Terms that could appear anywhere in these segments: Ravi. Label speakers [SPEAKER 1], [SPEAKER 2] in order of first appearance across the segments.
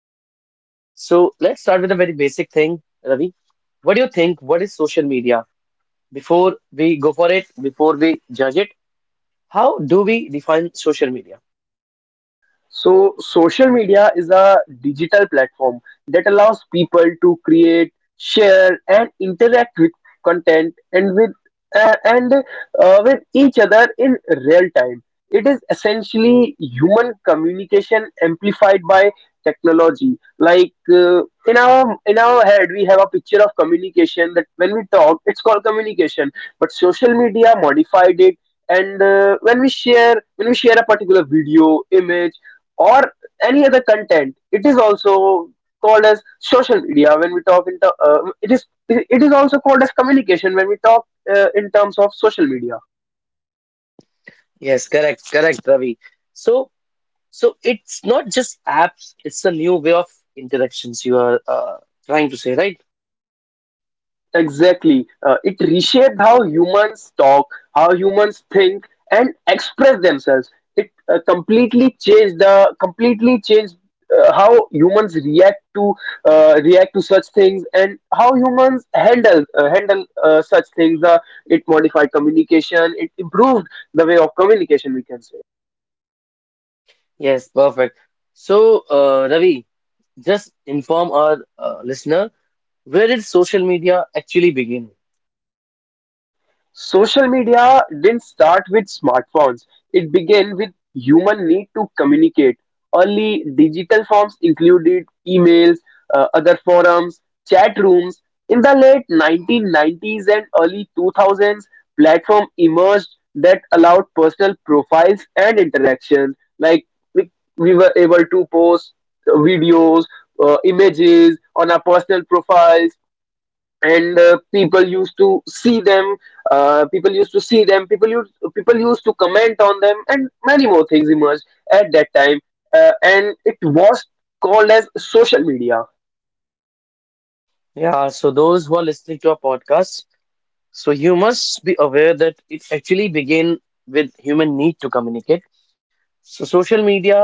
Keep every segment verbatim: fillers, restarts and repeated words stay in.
[SPEAKER 1] human. So let's start with a very basic thing, Ravi. What do you think? What is social media? Before we go for it, before we judge it, how do we define social media?
[SPEAKER 2] So, social media is a digital platform that allows people to create, share, and interact with content and with uh, and uh, with each other in real time. It is essentially human communication amplified by technology. Like, uh, in our in our head, we have a picture of communication that when we talk, it's called communication. But social media modified it, and uh, when we share when we share a particular video image or any other content, it is also called as social media. When we talk in the uh, it is it is also called as communication when we talk uh, in terms of social media.
[SPEAKER 1] Yes, correct, correct, Ravi. So, so it's not just apps, it's a new way of interactions you are uh, trying to say, right?
[SPEAKER 2] Exactly. Uh, it reshaped how humans talk, how humans think, and express themselves. It uh, completely changed the completely changed uh, how humans react to uh, react to such things, and how humans handle uh, handle uh, such things. Uh, it modified communication. It improved the way of communication, we can say.
[SPEAKER 1] Yes, perfect. So, uh, Ravi, just inform our uh, listener, where did social media actually begin?
[SPEAKER 2] Social media didn't start with smartphones. It began with human need to communicate. Early digital forms included emails, uh, other forums, chat rooms. In the late nineteen nineties and early two thousands, platform emerged that allowed personal profiles and interactions. Like, we we were able to post uh, videos, uh, images on our personal profiles, and uh, people used to see them, uh, people used to see them people used, people used to comment on them, and many more things emerged at that time, uh, and it was called as social media.
[SPEAKER 1] Yeah, so those who are listening to our podcast, so you must be aware that it actually began with human need to communicate. So social media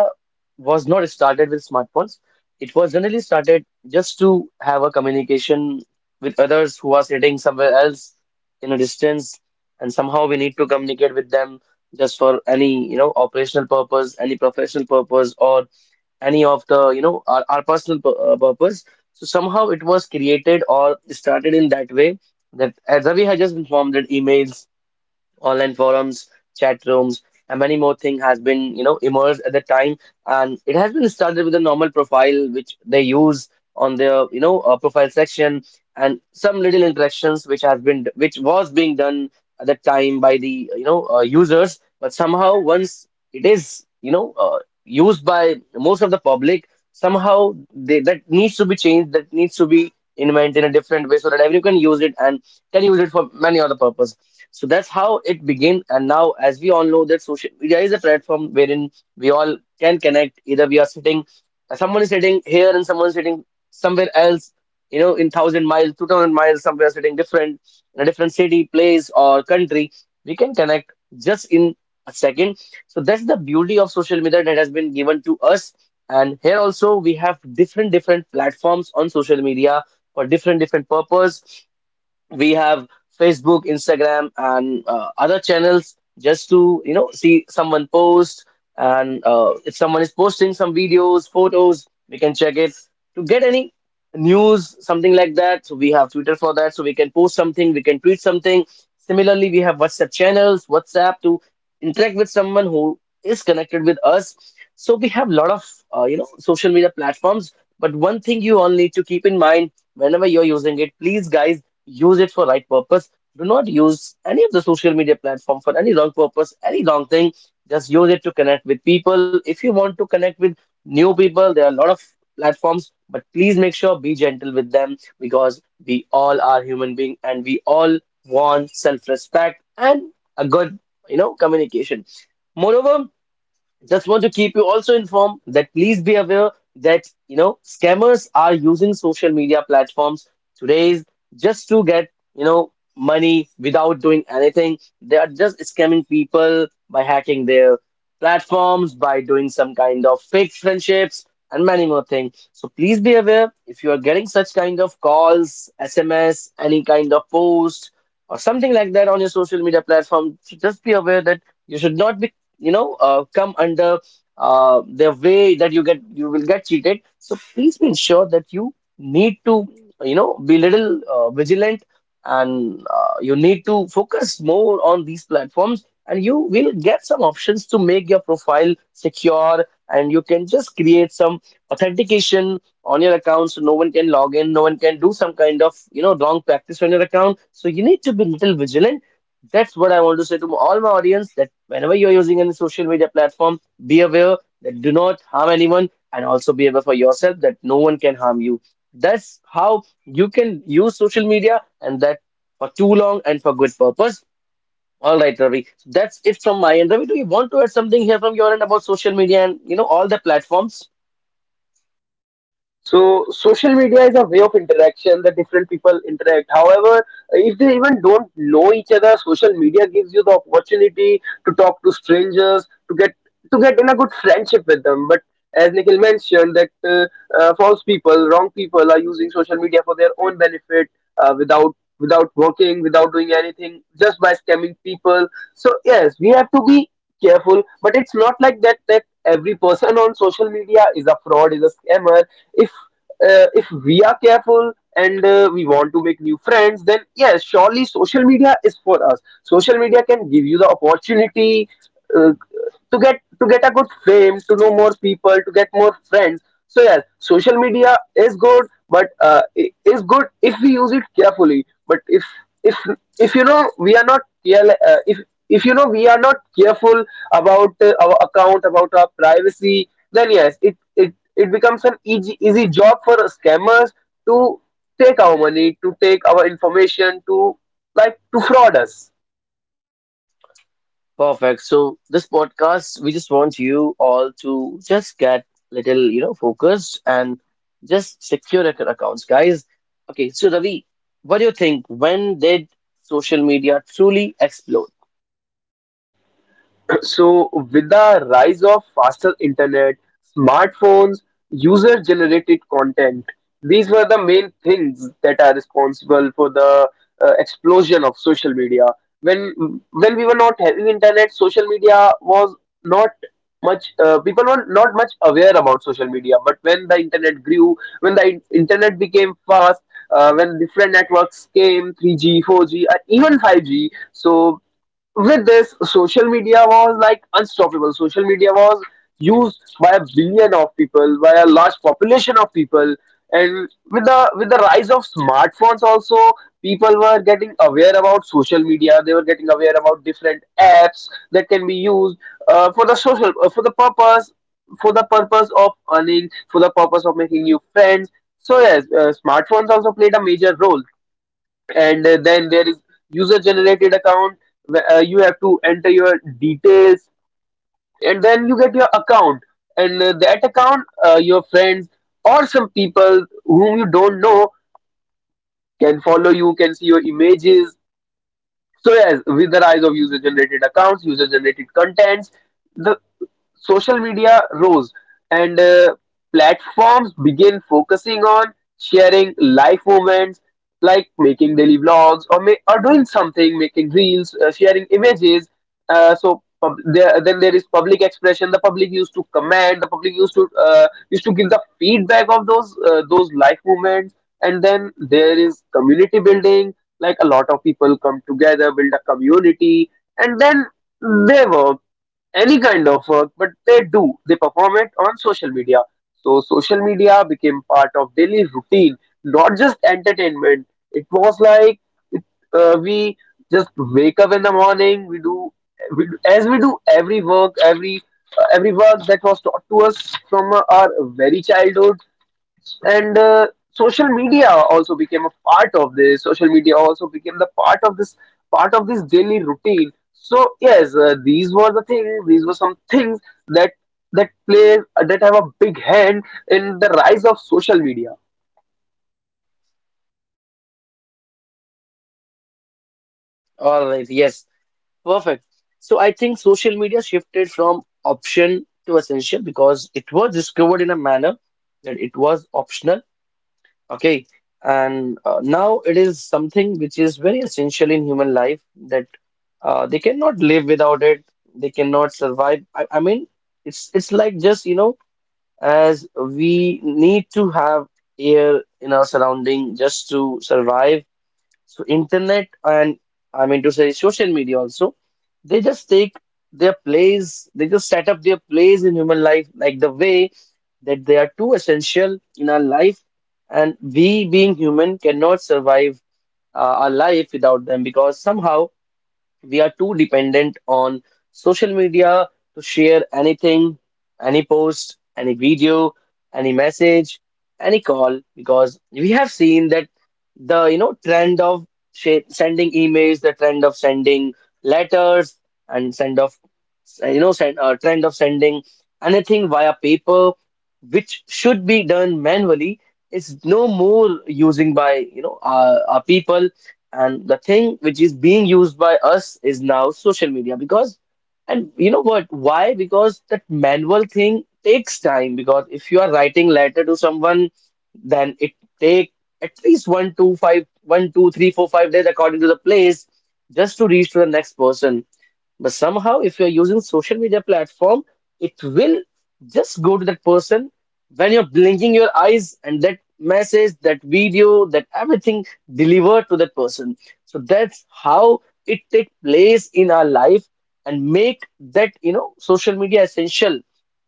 [SPEAKER 1] was not started with smartphones. It was generally started just to have a communication with others who are sitting somewhere else in a distance, and somehow we need to communicate with them just for any, you know, operational purpose, any professional purpose, or any of the, you know, our, our personal pur- uh, purpose. So somehow it was created or started in that way that, as Ravi had just informed, that emails, online forums, chat rooms, and many more things has been, you know, emerged at the time. And it has been started with a normal profile which they use on their, you know, uh, profile section, and some little interactions which has been, which was being done At the time by the, uh, you know, uh, users. But somehow once it is, you know, uh, used by most of the public, somehow they, that needs to be changed, that needs to be invented in a different way so that everyone can use it, and can use it for many other purpose. So that's how it began. And now, as we all know, that social media is a platform wherein we all can connect. Either we are sitting, uh, someone is sitting here and someone is sitting somewhere else, you know, in thousand miles, two thousand miles, somewhere sitting different in a different city, place, or country. We can connect just in a second. So that's the beauty of social media that has been given to us. And here also we have different different platforms on social media for different different purpose. We have Facebook, Instagram, and uh, other channels just to you know see someone post. And uh, if someone is posting some videos, photos, we can check it to get any news, something like that. So we have Twitter for that, so we can post something, we can tweet something. Similarly, we have WhatsApp channels, WhatsApp to interact with someone who is connected with us. So we have a lot of uh, you know social media platforms, but one thing you all need to keep in mind: whenever you're using it, please guys, use it for right purpose. Do not use any of the social media platform for any wrong purpose, any wrong thing. Just use it to connect with people. If you want to connect with new people, there are a lot of platforms, but please make sure, be gentle with them, because we all are human being and we all want self-respect and a good, you know, communication. Moreover, just want to keep you also informed that please be aware that you know scammers are using social media platforms today just to get you know money without doing anything. They are just scamming people by hacking their platforms, by doing some kind of fake friendships and many more things. So please be aware, if you are getting such kind of calls, S M S, any kind of post or something like that on your social media platform, just be aware that you should not be you know uh, come under uh, the way that you get you will get cheated. So please be sure that you need to you know be little uh, vigilant, and uh, you need to focus more on these platforms, and you will get some options to make your profile secure, and you can just create some authentication on your account so no one can log in, no one can do some kind of you know wrong practice on your account. So you need to be little vigilant. That's what I want to say to all my audience: that whenever you're using any social media platform, be aware that do not harm anyone, and also be aware for yourself that no one can harm you. That's how you can use social media, and that for too long and for good purpose. All right, Ravi. So that's it from my end. Ravi, do you want to add something here from your end about social media and you know all the platforms?
[SPEAKER 2] So social media is a way of interaction that different people interact. However, if they even don't know each other, social media gives you the opportunity to talk to strangers, to get to get in a good friendship with them. But as Nikhil mentioned, that uh, uh, false people, wrong people are using social media for their own benefit, uh, without without working, without doing anything, just by scamming people. So yes, we have to be careful, but it's not like that, that every person on social media is a fraud, is a scammer. if uh, if we are careful, and uh, we want to make new friends, then yes, surely social media is for us. Social media can give you the opportunity uh, to get to get a good fame, to know more people, to get more friends. So yes, social media is good, but uh, i- is good if we use it carefully. But if if if you know, we are not carel- uh, if if you know, we are not careful about uh, our account, about our privacy, then yes, it it it becomes an easy easy job for scammers to take our money, to take our information, to like, to fraud us.
[SPEAKER 1] Perfect. So this podcast, we just want you all to just get little, you know, focused and just secure ac- accounts, guys. Okay, so Ravi, what do you think? When did social media truly explode?
[SPEAKER 2] So, with the rise of faster internet, smartphones, user generated content, these were the main things that are responsible for the uh, explosion of social media. When when we were not having internet, social media was not much, uh, people were not much aware about social media. But when the internet grew, when the in- internet became fast, uh, when different networks came, three G four G and even five G, so with this, social media was like unstoppable. Social media was used by a billion of people, by a large population of people. And with the with the rise of smartphones also, people were getting aware about social media. They were getting aware about different apps that can be used uh, for the social uh, for the purpose, for the purpose of earning, for the purpose of making new friends. So yes, uh, smartphones also played a major role. And uh, then there is user generated account, where uh, you have to enter your details, and then you get your account. And uh, that account, uh, your friends or some people whom you don't know can follow you, can see your images. So yes, with the rise of user generated accounts, user generated contents, the social media rose. And uh, platforms began focusing on sharing life moments, like making daily vlogs, or, ma- or doing something, making reels, uh, sharing images. Uh, so pub- there, then there is public expression. The public used to comment, the public used to uh, used to give the feedback of those uh, those life moments. And then there is community building, like a lot of people come together, build a community. And then they were any kind of work, but they do, they perform it on social media. So social media became part of daily routine, not just entertainment. It was like it, uh, we just wake up in the morning. We do, we do as we do every work, every uh, every work that was taught to us from our very childhood. And uh, social media also became a part of this. Social media also became the part of this part of this daily routine. So yes, uh, these were the things, these were some things that that play that have a big hand in the rise of social media.
[SPEAKER 1] All right, yes, perfect. So I think social media shifted from option to essential because it was discovered in a manner that it was optional. Okay, and uh, now it is something which is very essential in human life, that uh, they cannot live without it. They cannot survive. I, I mean, it's it's like just you know, as we need to have air in our surrounding just to survive. So internet and, I mean to say, social media also, they just take their place, they just set up their place in human life, like the way that they are too essential in our life, and we being human cannot survive uh, our life without them, because somehow we are too dependent on social media to share anything, any post, any video, any message, any call, because we have seen that the you know trend of sh- sending emails, the trend of sending letters, and send of you know send, uh, trend of sending anything via paper, which should be done manually, is no more using by you know uh, our people, and the thing which is being used by us is now social media. Because, and you know what? Why? Because that manual thing takes time. Because if you are writing letter to someone, then it take at least one, two, five, one, two, three, four, five days according to the place, just to reach to the next person. But somehow, if you're using social media platform, it will just go to that person when you're blinking your eyes, and that message, that video, that everything delivered to that person. So that's how it take place in our life and make that, you know, social media essential.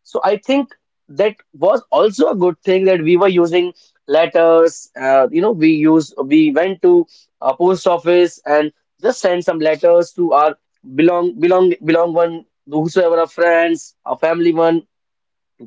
[SPEAKER 1] So I think that was also a good thing, that we were using letters. uh, you know, we use we went to a post office and just send some letters to our belong belong belong one, whosoever, a friends, a family one,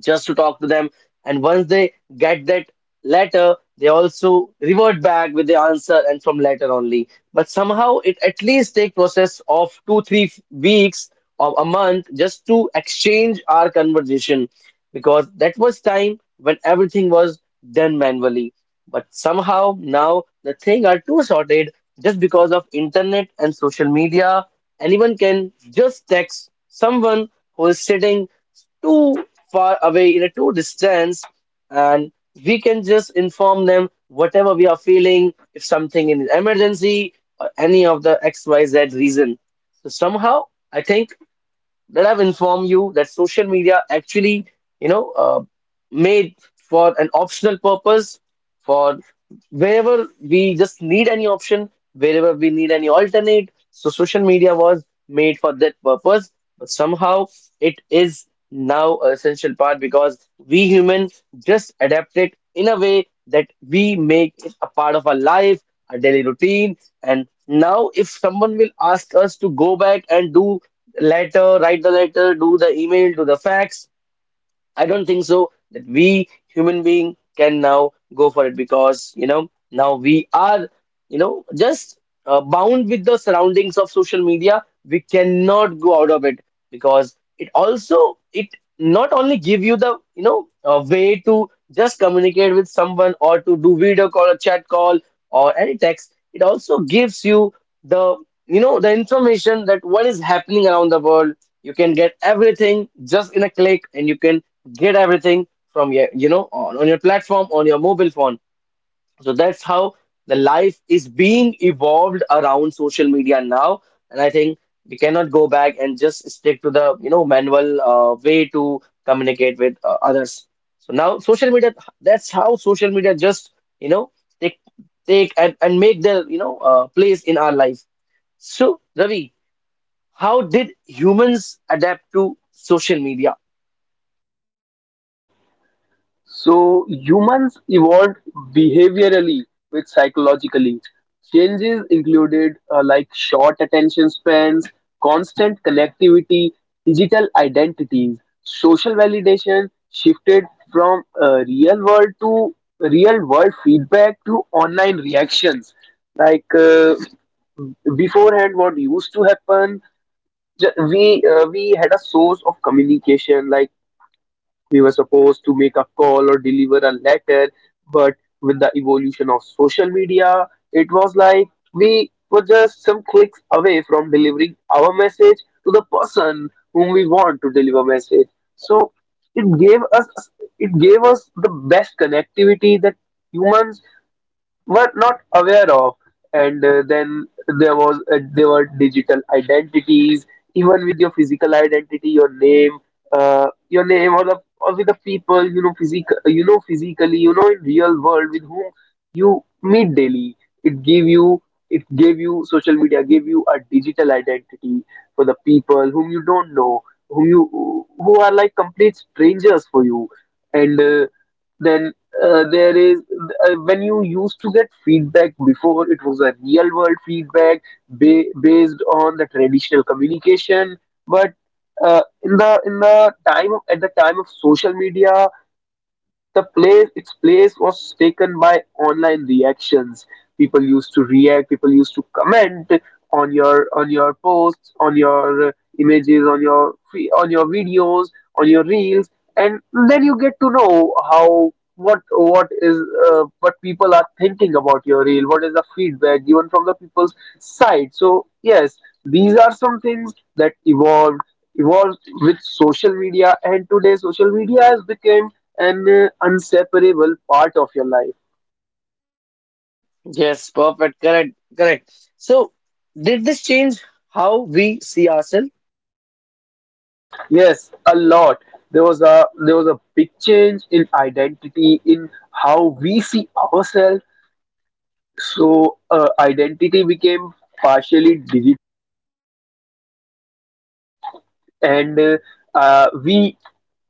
[SPEAKER 1] just to talk to them. And once they get that letter, they also revert back with the answer, and from letter only. But somehow it at least take process of two, three f- weeks or a month just to exchange our conversation, because that was time when everything was done manually. But somehow now the thing are too sorted, just because of internet and social media. Anyone can just text someone who is sitting too far away in a too distance, and we can just inform them whatever we are feeling, if something in emergency or any of the XYZ reason. So somehow I think that I've informed you that social media actually, you know, uh, made for an optional purpose, for wherever we just need any option, wherever we need any alternate. So social media was made for that purpose, but somehow it is now an essential part, because we humans just adapt it in a way that we make it a part of our life, our daily routine. And now if someone will ask us to go back and do letter, write the letter, do the email, do the fax, I don't think so that we human being can now go for it, because you know now we are you know just uh, bound with the surroundings of social media. We cannot go out of it, because it also it not only give you the you know a way to just communicate with someone or to do video call or chat call or any text. It also gives you the you know the information that what is happening around the world. You can get everything just in a click, and you can get everything from your you know on, on your platform, on your mobile phone. So that's how the life is being evolved around social media now, and I think we cannot go back and just stick to the you know manual uh, way to communicate with uh, others. So now social media, that's how social media just you know take take and, and make their you know uh, place in our life. So Ravi, how did humans adapt to social media?
[SPEAKER 2] So humans evolved behaviorally with psychologically. Changes included, uh, like, short attention spans, constant connectivity, digital identities, social validation shifted from uh, real world to real world feedback to online reactions. Like, uh, beforehand, what used to happen, ju- we uh, we had a source of communication, like, we were supposed to make a call or deliver a letter, but with the evolution of social media, it was like we were just some clicks away from delivering our message to the person whom we want to deliver message. So it gave us it gave us the best connectivity that humans were not aware of. And uh, then there was, uh, there were digital identities. Even with your physical identity, your name, uh, your name, or the, or with the people you know physical, you know, physically, you know, in real world, with whom you meet daily, it gave you, it gave you social media gave you a digital identity for the people whom you don't know, whom you, who are like complete strangers for you. And uh, then uh, there is uh, when you used to get feedback, before it was a real world feedback ba- based on the traditional communication. But uh, in the in the time of, at the time of social media, the place, its place was taken by online reactions. People used to react, people used to comment on your on your posts, on your uh, images, on your fe- on your videos, on your reels. And then you get to know how, what what is uh, what people are thinking about your reel, what is the feedback given from the people's side. So yes, these are some things that evolved evolved with social media, and today social media has become an uh, inseparable part of your life.
[SPEAKER 1] Yes, perfect. Correct. Correct. So, did this change how we see ourselves?
[SPEAKER 2] Yes, a lot. There was a, there was a big change in identity, in how we see ourselves. So uh, identity became partially digital. And uh, uh, we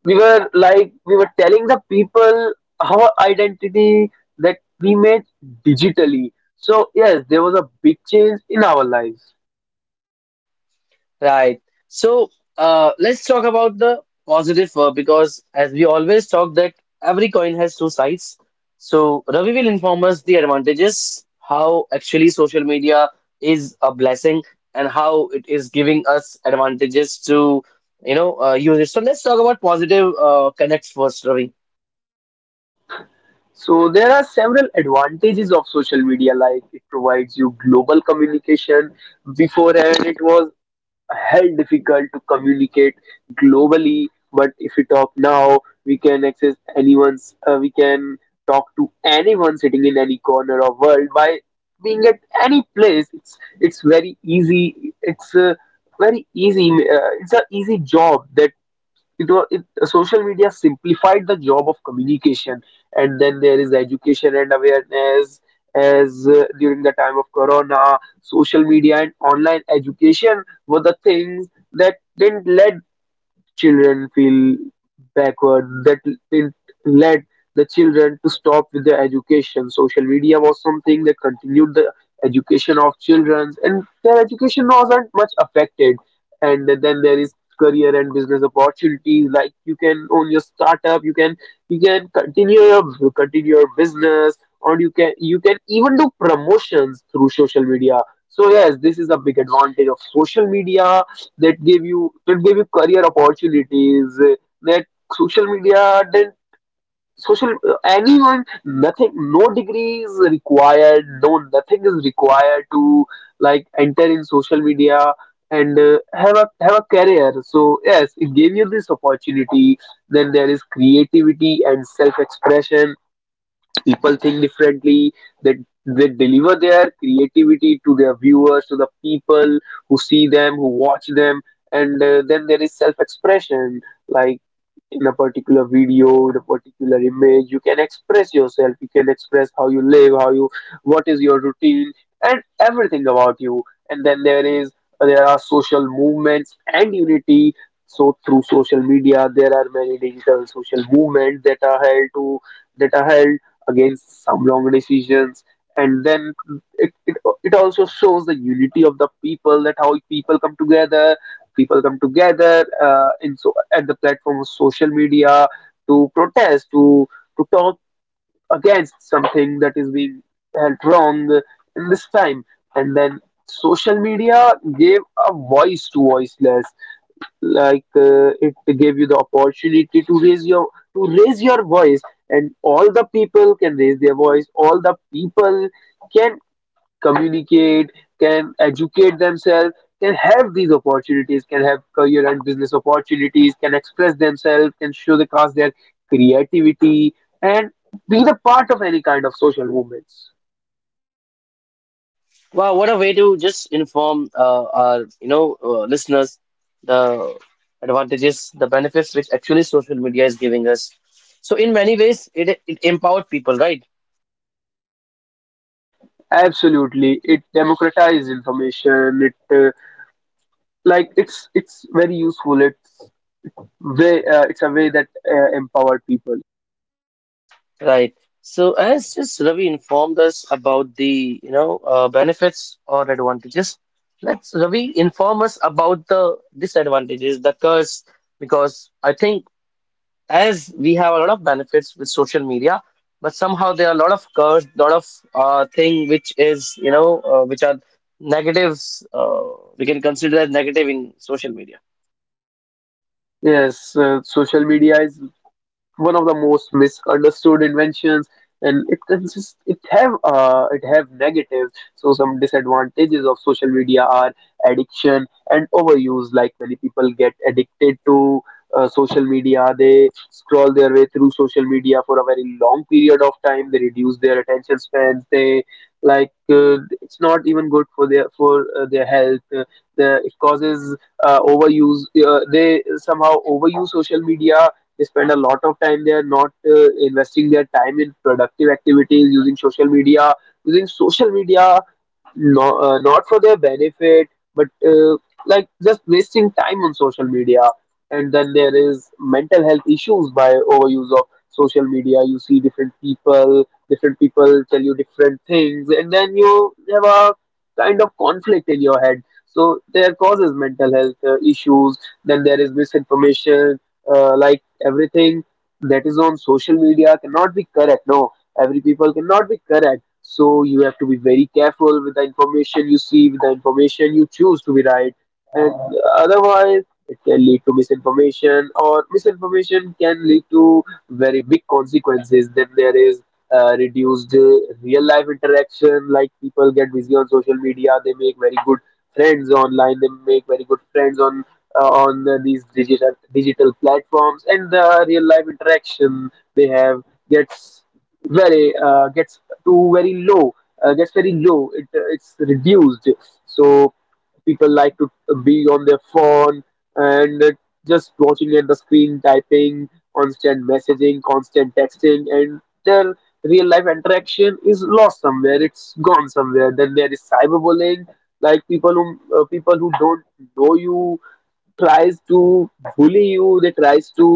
[SPEAKER 2] we were like we were telling the people our identity that we made digitally. So yes, there was a big change in our lives.
[SPEAKER 1] Right. So, uh, let's talk about the positive uh, because, as we always talk, that every coin has two sides. So, Ravi will inform us the advantages, how actually social media is a blessing, and how it is giving us advantages to, you know, uh, use it. So, let's talk about positive uh, connects first, Ravi.
[SPEAKER 2] So there are several advantages of social media, like it provides you global communication. Beforehand, it was hell difficult to communicate globally. But if we talk now, we can access anyone's. Uh, we can talk to anyone sitting in any corner of world by being at any place. It's it's very easy. It's a very easy. Uh, it's an easy job, that it was it, uh, social media simplified the job of communication. And then there is education and awareness. As uh, during the time of corona, social media and online education were the things that didn't let children feel backward. That it led the children to stop with their education. Social media was something that continued the education of children, and their education wasn't much affected. And then there is career and business opportunities. Like, you can own your startup, you can you can continue your continue your business, or you can you can even do promotions through social media. So yes, this is a big advantage of social media, that gave you that gave you career opportunities. Uh, that social media didn't, social uh, anyone, nothing. No degree is required, no nothing is required to, like, enter in social media and uh, have a have a career. So yes, it gave you this opportunity. Then there is creativity and self expression. People think differently. They they deliver their creativity to their viewers, to the people who see them, who watch them. And uh, then there is self expression, like, in a particular video, in a particular image, you can express yourself, you can express how you live, how you what is your routine and everything about you. And then there is there are social movements and unity. So through social media, there are many digital social movements that are held to that are held against some wrong decisions. And then it, it, it also shows the unity of the people, that how people come together. People come together uh, in, so at, the platform of social media to protest, to to talk against something that is being held wrong in this time. And then social media gave a voice to voiceless. Like, uh, it gave you the opportunity to raise your to raise your voice and all the people can raise their voice, all the people can communicate, can educate themselves, can have these opportunities, can have career and business opportunities, can express themselves, can show the showcase their creativity, and be the part of any kind of social movements.
[SPEAKER 1] Wow, what a way to just inform uh, our, you know, uh, listeners the advantages, the benefits which actually social media is giving us. So in many ways, it it empowered people, right?
[SPEAKER 2] Absolutely, it democratizes information. It uh, like it's it's very useful. It's way uh, it's a way that uh, empowered people.
[SPEAKER 1] Right. So as just Ravi informed us about the, you know, uh, benefits or advantages, let's Ravi inform us about the disadvantages, the curse, because I think as we have a lot of benefits with social media, but somehow there are a lot of curse, lot of uh, thing which is you know uh, which are negatives. Uh, we can consider as negative in social media.
[SPEAKER 2] Yes, uh, social media is one of the most misunderstood inventions, and it consists it have uh, it have negatives. So some disadvantages of social media are addiction and overuse. Like, many people get addicted to uh, social media. They scroll their way through social media for a very long period of time. They reduce their attention spans. They, like, uh, it's not even good for their, for uh, their health. Uh, the, it causes uh, overuse. Uh, they somehow overuse social media. They spend a lot of time there, not uh, investing their time in productive activities, using social media, using social media no, uh, not for their benefit, but uh, like just wasting time on social media. And then there is mental health issues by overuse of social media. You see different people, different people tell you different things, and then you have a kind of conflict in your head. So there causes mental health uh, issues. Then there is misinformation. Uh, like everything that is on social media cannot be correct. No, every people cannot be correct, so you have to be very careful with the information you see, with the information you choose to be right, and otherwise it can lead to misinformation, or misinformation can lead to very big consequences. Then there is uh, reduced uh, real life interaction. Like, people get busy on social media, they make very good friends online, they make very good friends on, uh, on uh, these digital digital platforms, and the real life interaction they have gets very uh, gets too very low, uh, gets very low it, uh, it's reduced. So people like to be on their phone, and uh, just watching at the screen, typing, constant messaging, constant texting, and their real life interaction is lost somewhere, it's gone somewhere. Then there is cyberbullying. Like, people who uh, people who don't know you tries to bully you. they tries to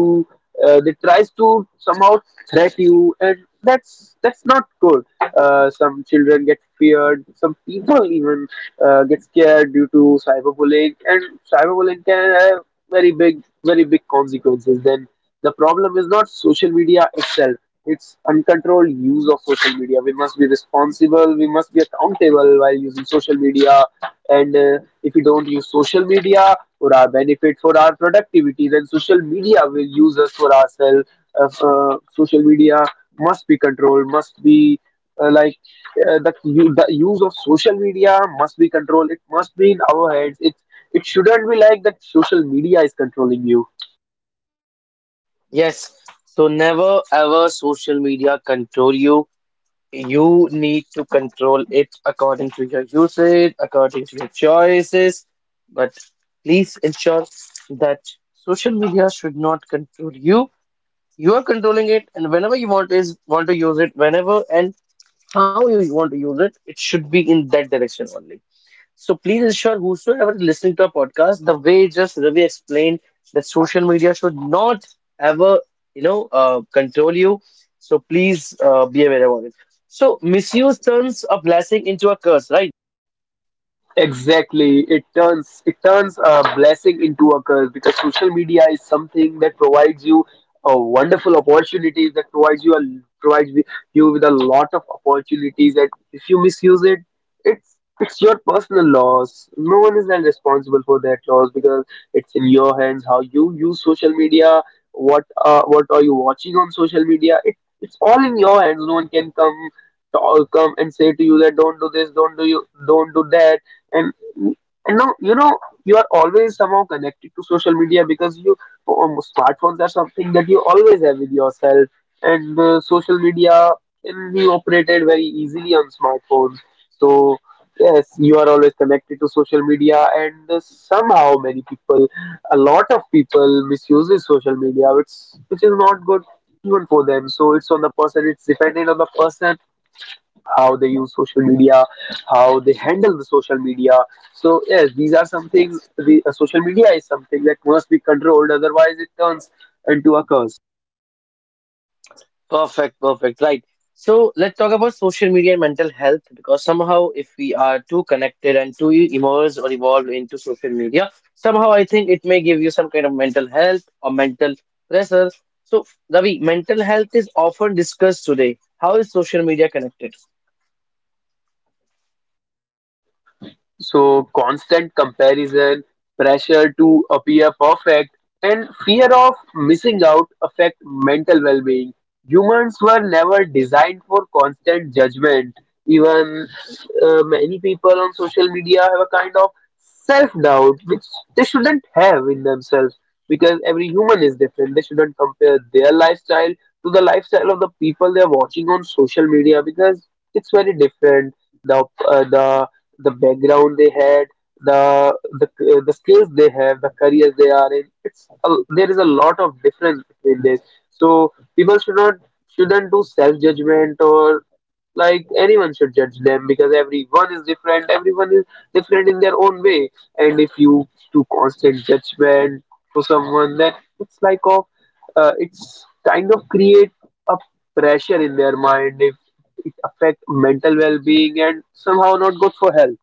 [SPEAKER 2] uh, they tries to somehow threat you, and that's that's not good. Uh, some children get feared, some people even uh, get scared due to cyberbullying, and cyberbullying can have very big very big consequences. Then the problem is not social media itself, it's uncontrolled use of social media. We must be responsible, we must be accountable while using social media. And uh, if we don't use social media for our benefit, for our productivity, then social media will use us for ourselves. Uh, uh, social media must be controlled, must be uh, like uh, the, u- the use of social media must be controlled, it must be in our heads, it it shouldn't be like that social media is controlling you.
[SPEAKER 1] Yes. So never ever social media control you. You need to control it according to your usage, according to your choices. But please ensure that social media should not control you. You are controlling it, and whenever you want is want to use it, whenever and how you want to use it, it should be in that direction only. So please ensure whosoever is listening to our podcast, the way just Ravi explained that social media should not ever, you know, uh, control you. So please uh, be aware about it. So misuse turns a blessing into a curse, right?
[SPEAKER 2] Right. Exactly. It turns it turns a blessing into a curse because social media is something that provides you a wonderful opportunities, that provides you a provides wi- you with a lot of opportunities, that if you misuse it, it's it's your personal loss. No one is then responsible for that loss, because it's in your hands how you use social media, what, uh, what are you watching on social media. It, it's all in your hands. No one can come to all come and say to you that don't do this, don't do you, don't do that. And and now, you know, you are always somehow connected to social media because you, um, smartphones are something that you always have with yourself, and uh, social media can be operated very easily on smartphones. So yes, you are always connected to social media, and uh, somehow many people, a lot of people misuses social media, which which is not good, even for them. So it's on the person, it's dependent on the person how they use social media, how they handle the social media. So yes, these are some things. The uh, social media is something that must be controlled. Otherwise, it turns into a curse.
[SPEAKER 1] Perfect, perfect. Right. So let's talk about social media and mental health because somehow, if we are too connected and too immersed or evolved into social media, somehow I think it may give you some kind of mental health or mental pressure. So, Ravi, mental health is often discussed today. How is social media connected?
[SPEAKER 2] So, constant comparison, pressure to appear perfect, and fear of missing out affect mental well being. Humans were never designed for constant judgment. Even uh, many people on social media have a kind of self doubt, which they shouldn't have in themselves, because every human is different. They shouldn't compare their lifestyle to the lifestyle of the people they are watching on social media, because it's very different. The uh, the the background they had, the the the skills they have, the careers they are in. It's a, there is a lot of difference between this. So people should not shouldn't do self judgment, or like anyone should judge them, because everyone is different. Everyone is different in their own way. And if you do constant judgment for someone, then it's like of uh, it's kind of create a pressure in their mind, if it affect mental well-being and somehow not good for health.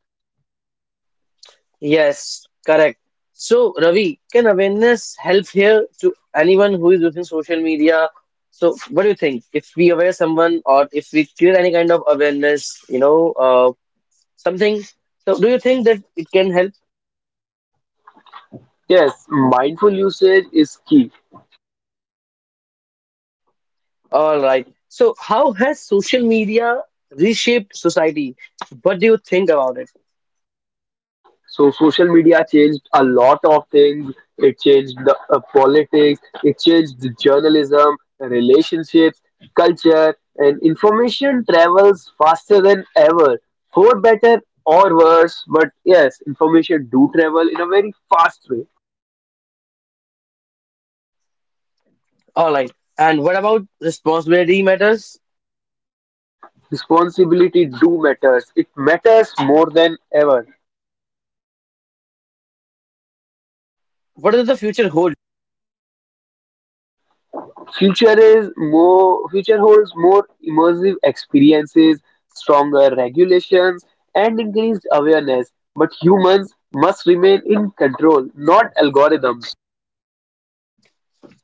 [SPEAKER 1] Yes, correct. So, Ravi, can awareness help here to anyone who is using social media? So, what do you think? If we aware someone or if we create any kind of awareness, you know, uh, something, so do you think that it can help?
[SPEAKER 2] Yes, mindful usage is key.
[SPEAKER 1] All right. So, how has social media reshaped society? What do you think about it?
[SPEAKER 2] So social media changed a lot of things. It changed the uh, politics, it changed the journalism, the relationships, culture, and information travels faster than ever. For better or worse, but yes, information do travel in a very fast way.
[SPEAKER 1] All right. And what about responsibility matters?
[SPEAKER 2] Responsibility do matters. It matters more than ever.
[SPEAKER 1] What does the future hold?
[SPEAKER 2] Future is more future holds more immersive experiences, stronger regulations, and increased awareness. But humans must remain in control, not algorithms.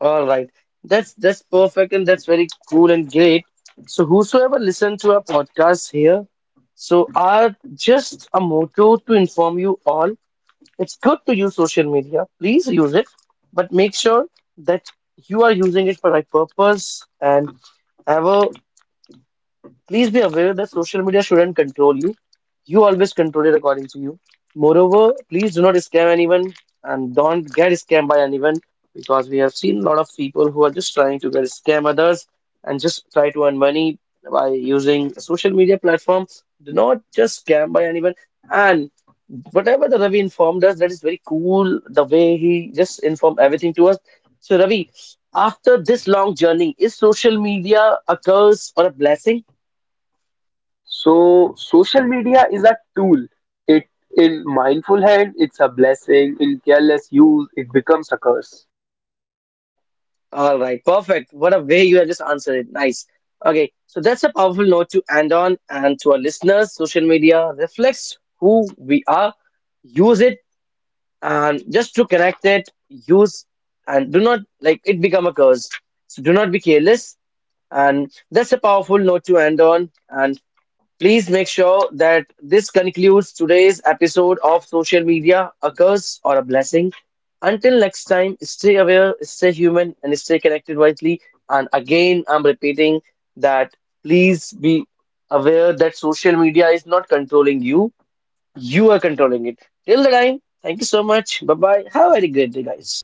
[SPEAKER 1] All right. That's that's perfect and that's very cool and great. So whosoever listen to our podcast here, so our just a motto to inform you all. It's good to use social media. Please use it, but make sure that you are using it for right purpose and have a Please be aware that social media shouldn't control you. You always control it according to you. Moreover, please do not scam anyone and don't get scammed by anyone because we have seen a lot of people who are just trying to get scam others and just try to earn money by using social media platforms. Do not just scam by anyone. And whatever the Ravi informed us, that is very cool. The way he just informed everything to us. So Ravi, after this long journey, is social media a curse or a blessing?
[SPEAKER 2] So social media is a tool. It, in mindful hand, it's a blessing. In careless use, it becomes a curse.
[SPEAKER 1] All right, perfect. What a way you have just answered it. Nice. Okay, so that's a powerful note to end on. And to our listeners, social media reflects who we are. Use it and just to connect it, use and do not like it become a curse. So do not be careless. And that's a powerful note to end on. And. Please make sure that this concludes today's episode of Social Media, a curse or a blessing. Until next time, stay aware, stay human, and stay connected wisely. And again, I'm repeating that please be aware that social media is not controlling you, you are controlling it. Till the time, thank you so much. Bye bye. Have a very great day, guys.